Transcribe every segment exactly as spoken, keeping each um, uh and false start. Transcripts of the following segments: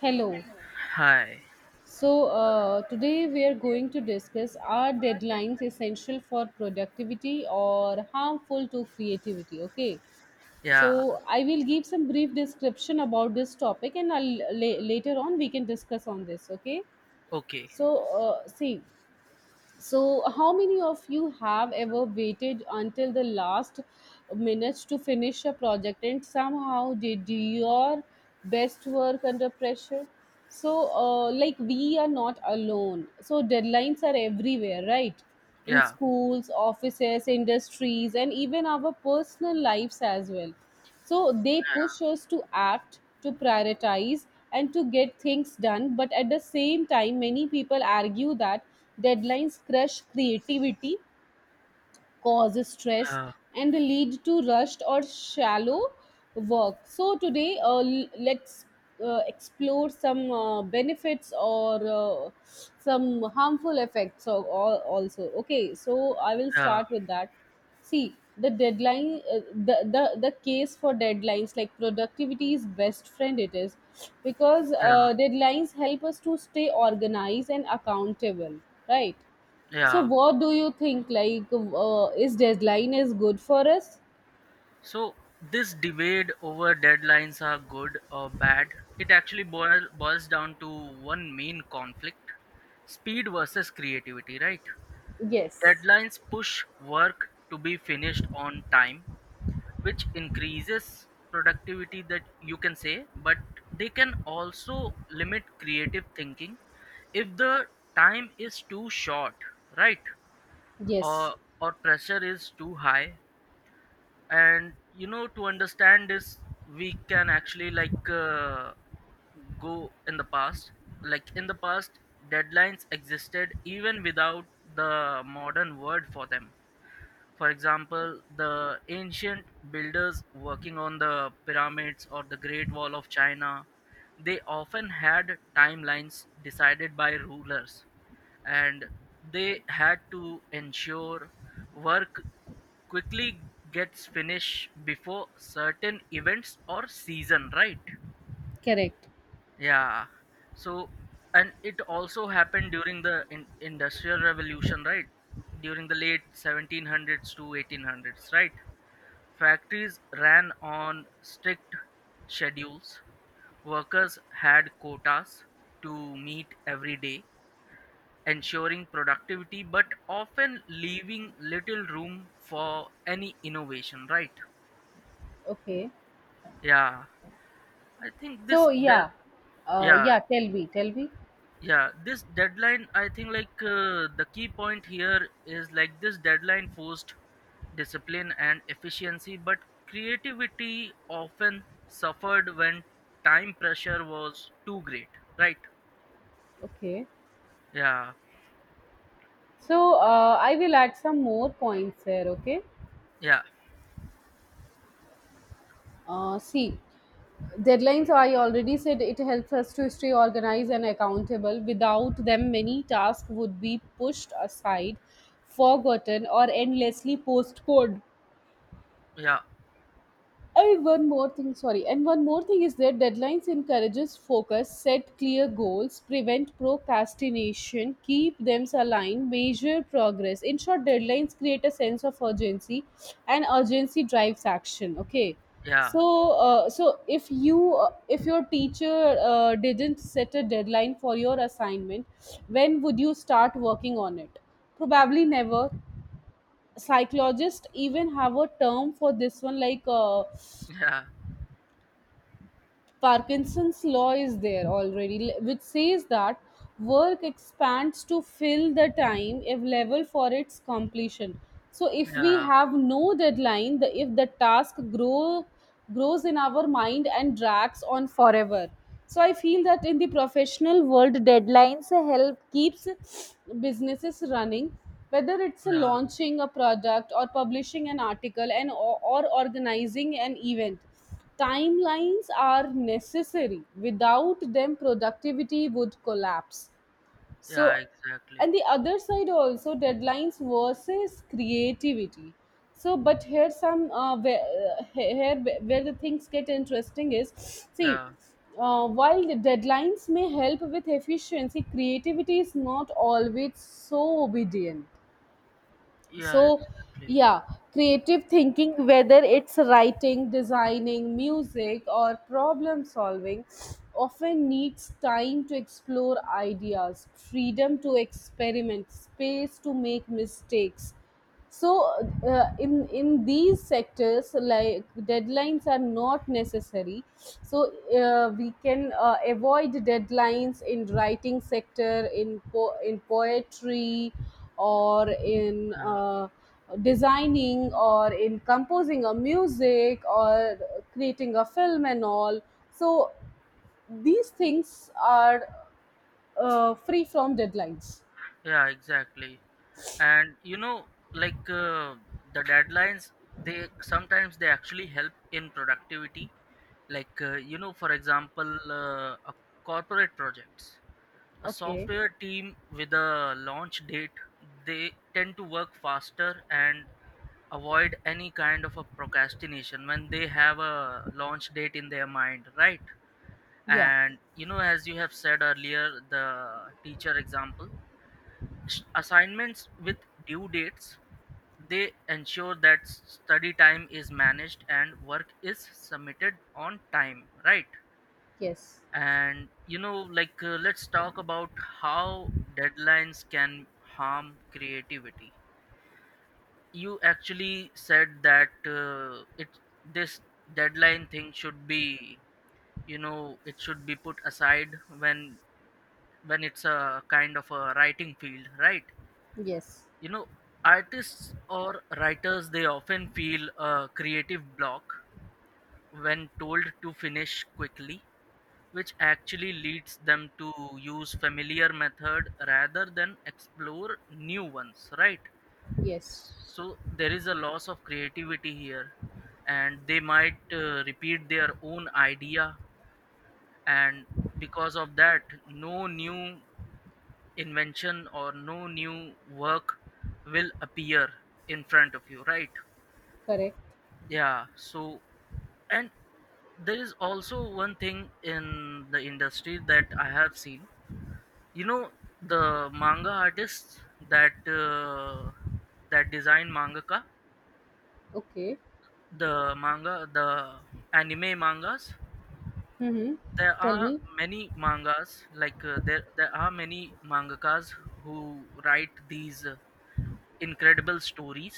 Hello. Hi. So, uh, today we are going to discuss, are deadlines essential for productivity or harmful to creativity? Okay. So, Yeah. I will give some brief description about this topic and I'll, la- later on we can discuss on this. Okay. Okay. So, uh, see, so, how many of you have ever waited until the last minutes to finish a project and somehow did your best work under pressure? So, uh, like, we are not alone. So, deadlines are everywhere, right? In Yeah. schools, offices, industries, and even our personal lives as well. So, they push Yeah. us to act, to prioritize, and to get things done. But at the same time, many people argue that deadlines crush creativity, cause stress, Yeah. and lead to rushed or shallow work. So, today uh, l- let's uh, explore some uh, benefits or uh, some harmful effects of, al- also. Okay, so I will Yeah. start with that. See, the deadline, uh, the, the, the case for deadlines, like, productivity is best friend, it is because Yeah. uh, deadlines help us to stay organized and accountable, right? So, Yeah. what do you think? Like, uh, is deadline is good for us? So this debate over deadlines are good or bad, it actually boil, boils down to one main conflict, speed versus creativity, right? Yes. Deadlines push work to be finished on time, which increases productivity, that you can say, but they can also limit creative thinking if the time is too short, right? Yes. Or or pressure is too high, and you know to understand this, we can actually, like, uh, go in the past, like in the past deadlines existed even without the modern word for them. For example, the ancient builders working on the pyramids or the Great Wall of China, they often had timelines decided by rulers, and they had to ensure work quickly gets finished before certain events or season, right? Correct. Yeah. So, and it also happened during the in- Industrial Revolution, right? During the late seventeen hundreds to eighteen hundreds, right? Factories ran on strict schedules. Workers had quotas to meet every day, ensuring productivity but often leaving little room for any innovation, right? Okay. Yeah. I think So, this, de- yeah, uh, Yeah, yeah, tell me, tell me. yeah, this deadline, I think, like, uh, the key point here is, like, this deadline forced discipline and efficiency, but creativity often suffered when time pressure was too great, right? Okay. Yeah, So, uh, I will add some more points there, okay? yeah, Uh, see, deadlines. I already said it helps us to stay organized and accountable. Without them, many tasks would be pushed aside, forgotten, or endlessly postponed. yeah, And one more thing, sorry, and one more thing is that deadlines encourages focus, set clear goals, prevent procrastination, keep them aligned, measure progress. In short, deadlines create a sense of urgency, and urgency drives action. Okay, yeah, so uh, so if you uh, if your teacher uh, didn't set a deadline for your assignment, when would you start working on it? Probably never. Psychologists even have a term for this one, like. Uh, yeah, Parkinson's law is there already, l- which says that work expands to fill the time available for its completion. So if we yeah, have no deadline, the if the task grow grows in our mind and drags on forever. So I feel that in the professional world, deadlines help keeps businesses running, whether it's a yeah, launching a product or publishing an article and or, or organizing an event. Timelines are necessary. Without them, productivity would collapse. yeah, So, exactly. and the other side also, deadlines versus creativity. So, but here some uh, where, uh, here where where the things get interesting is, see. Yeah, Uh, while the deadlines may help with efficiency, creativity is not always so obedient. So, yeah, exactly. yeah, creative thinking, whether it's writing, designing, music, or problem solving, often needs time to explore ideas, freedom to experiment, space to make mistakes. So, uh, in in these sectors, like, deadlines are not necessary. So, uh, we can uh, avoid deadlines in writing sector, in po- in poetry, or in Yeah, uh, designing, or in composing a music, or creating a film and all. So, these things are uh, free from deadlines. yeah, exactly. And you know like, uh, the deadlines, they sometimes they actually help in productivity, like, uh, you know for example, uh, a corporate projects, a Okay. software team with a launch date, they tend to work faster and avoid any kind of a procrastination when they have a launch date in their mind, right? Yeah. And you know as you have said earlier, the teacher example, s- assignments with due dates, they ensure that study time is managed and work is submitted on time, right? Yes. And you know, like, uh, let's talk about how deadlines can harm creativity. You actually said that uh, it this deadline thing should be, you know, it should be put aside when when it's a kind of a writing field, right? Yes. You know, artists or writers, they often feel a creative block when told to finish quickly, which actually leads them to use familiar method rather than explore new ones, right? Yes, So there is a loss of creativity here, and they might, uh, repeat their own idea, and because of that, no new invention or no new work will appear in front of you, right? correct. Yeah, so and there is also one thing in the industry that I have seen, you know the manga artists, that uh, that design mangaka, Okay. the manga, the anime mangas. Mm-hmm. There Tell are me. many mangas, like, uh, there there are many mangakas who write these uh, incredible stories,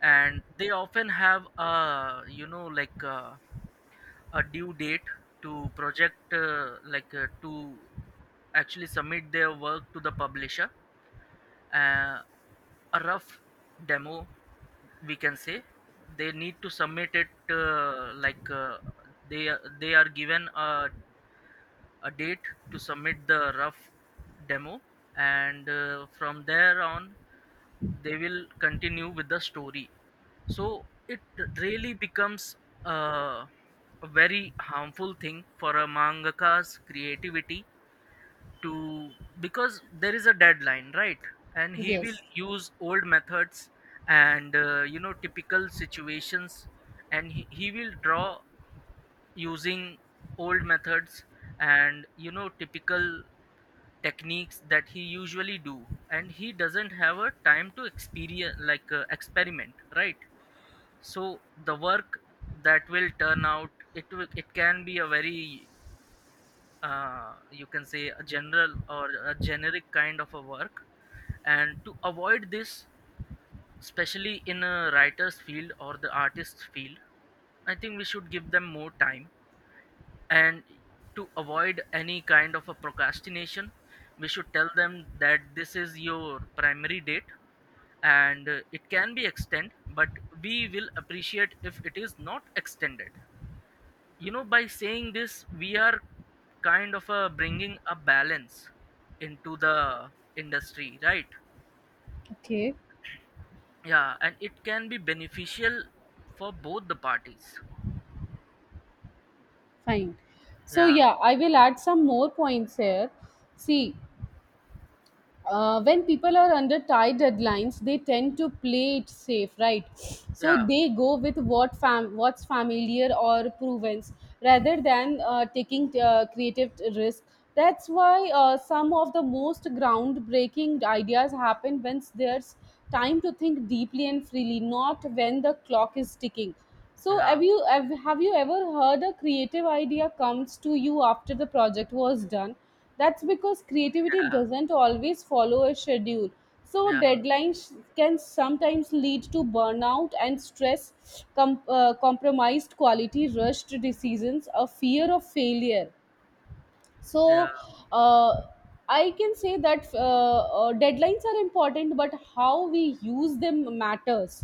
and they often have uh you know like, uh, a due date, to project, uh, like, uh, to actually submit their work to the publisher, uh, a rough demo, we can say, they need to submit it, uh, like, uh, they they are given a, a date to submit the rough demo. And uh, from there on, they will continue with the story. So it really becomes, uh, a very harmful thing for a mangaka's creativity, to because there is a deadline, right, and he will Yes. use old methods, and uh, you know typical situations, and he, he will draw using old methods, and you know typical techniques that he usually do, and he doesn't have a time to experience, like, uh, experiment, right? So the work that will turn out, it will, it can be a very, uh, you can say, a general or a generic kind of a work. And to avoid this, especially in a writer's field or the artist's field, I think we should give them more time, and to avoid any kind of a procrastination, we should tell them that this is your primary date, and, uh, it can be extended, but we will appreciate if it is not extended. You know by saying this, we are kind of, uh, bringing a balance into the industry, right? Okay, Yeah, and it can be beneficial for both the parties. fine. So, Yeah, yeah, I will add some more points here. See, uh, when people are under tight deadlines, they tend to play it safe, right? So yeah, they go with what fam- what's familiar or proven, rather than uh, taking uh, creative risk. That's why uh, some of the most groundbreaking ideas happen when there's time to think deeply and freely, not when the clock is ticking. So have yeah, you have, have you ever heard a creative idea comes to you after the project was done? That's because creativity yeah, doesn't always follow a schedule. So, yeah, deadlines can sometimes lead to burnout and stress, com- uh, compromised quality, rushed decisions, a fear of failure. yeah, So uh, I can say that uh, uh, deadlines are important, but how we use them matters.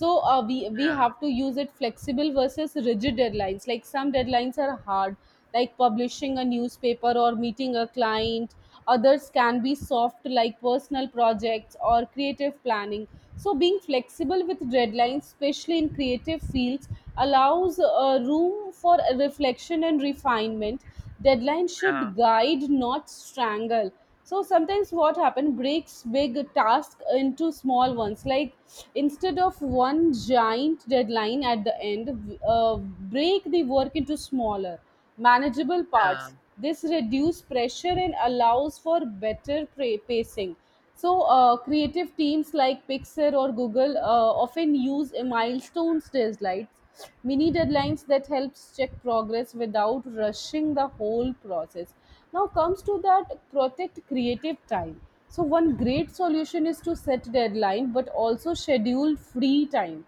So uh, we we yeah, have to use it, flexible versus rigid deadlines. Like, some deadlines are hard, like publishing a newspaper or meeting a client. Others can be soft, like personal projects or creative planning. So, being flexible with deadlines, especially in creative fields, allows uh, room for reflection and refinement. Deadlines yeah, should guide, not strangle. So sometimes what happens, breaks big tasks into small ones, like instead of one giant deadline at the end, uh, break the work into smaller, manageable yeah. parts. This reduces pressure and allows for better pra- pacing. So uh, creative teams like Pixar or Google uh, often use a milestones deadlines, mini deadlines, that helps check progress without rushing the whole process. Now comes to that, protect creative time. So one great solution is to set deadline but also schedule free time.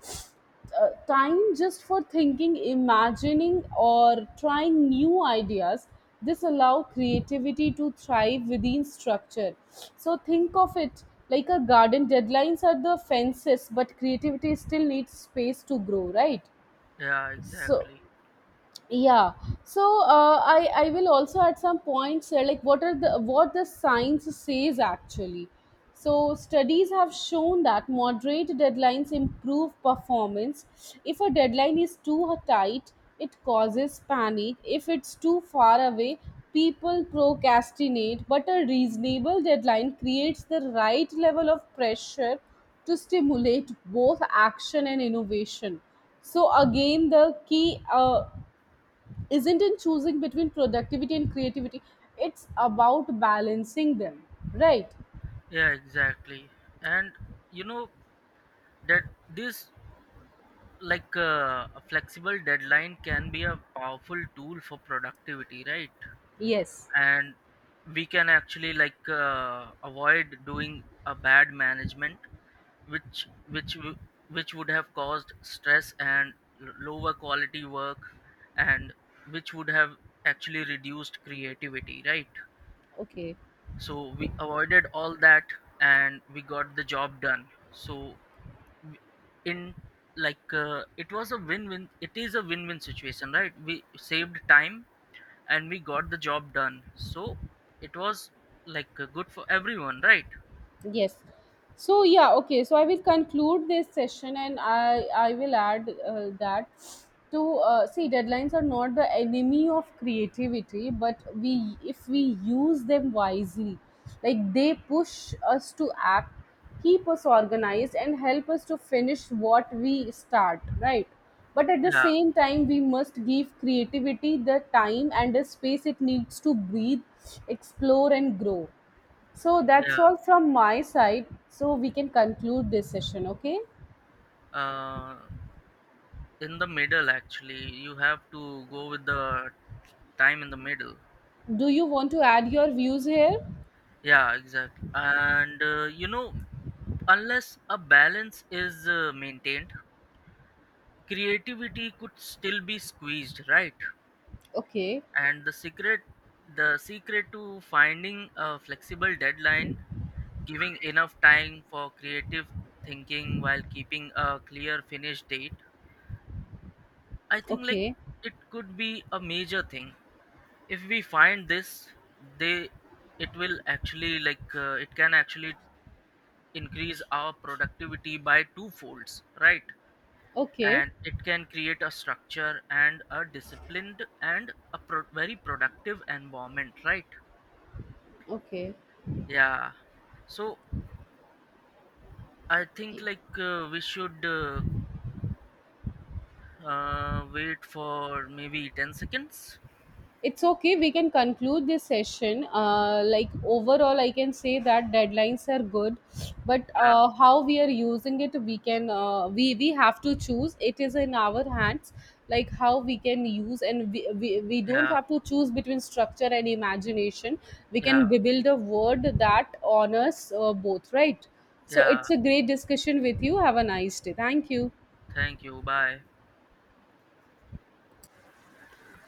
Uh, time just for thinking, imagining, or trying new ideas. This allow creativity to thrive within structure. So think of it like a garden. Deadlines are the fences, but creativity still needs space to grow, right? Yeah, So, exactly. yeah. So uh, i i will also at some points, uh, like, what are the, what the science says actually. So studies have shown that moderate deadlines improve performance. If a deadline is too tight, it causes panic. If it's too far away, people procrastinate. But a reasonable deadline creates the right level of pressure to stimulate both action and innovation. So, again, the key uh, isn't in choosing between productivity and creativity, it's about balancing them, right? Yeah, exactly. And you know that this, like, uh, a flexible deadline can be a powerful tool for productivity, right? Yes. And we can actually, like, uh, avoid doing a bad management, which which w- which would have caused stress and l- lower quality work, and which would have actually reduced creativity, right? Okay. So we avoided all that, and we got the job done. So, w- in like, uh, it was a win-win, it is a win-win situation, right? We saved time and we got the job done, so it was, like, uh, good for everyone, right? Yes. So yeah, okay. So I will conclude this session, and I I will add uh, that, to uh, see, deadlines are not the enemy of creativity, but we, if we use them wisely, like, they push us to act, keep us organized, and help us to finish what we start. Right. But at the Yeah, same time, we must give creativity the time and the space it needs to breathe, explore, and grow. So that's yeah, all from my side. So we can conclude this session, okay? uh, in the middle, actually you have to go with the time in the middle. Do you want to add your views here? Yeah, exactly. And, uh, you know unless a balance is, uh, maintained, creativity could still be squeezed, right? Okay, And the secret the secret to finding a flexible deadline, giving enough time for creative thinking while keeping a clear finish date. I think, like, okay, it could be a major thing. If we find this, they it will actually, like, uh, it can actually increase our productivity by two folds, right? okay, And it can create a structure and a disciplined and a pro- very productive environment, right? okay. Yeah. So I think, like, uh, we should, uh, uh, wait for maybe ten seconds. It's okay, we can conclude this session. Uh, like, overall, I can say that deadlines are good, but Yeah, uh, how we are using it, we can, uh, we, we have to choose. It is in our hands, like, how we can use, and we, we, we don't yeah, have to choose between structure and imagination. We yeah, can b- build a word that honors uh, both, right? So, yeah, it's a great discussion with you. Have a nice day. Thank you. thank you, bye.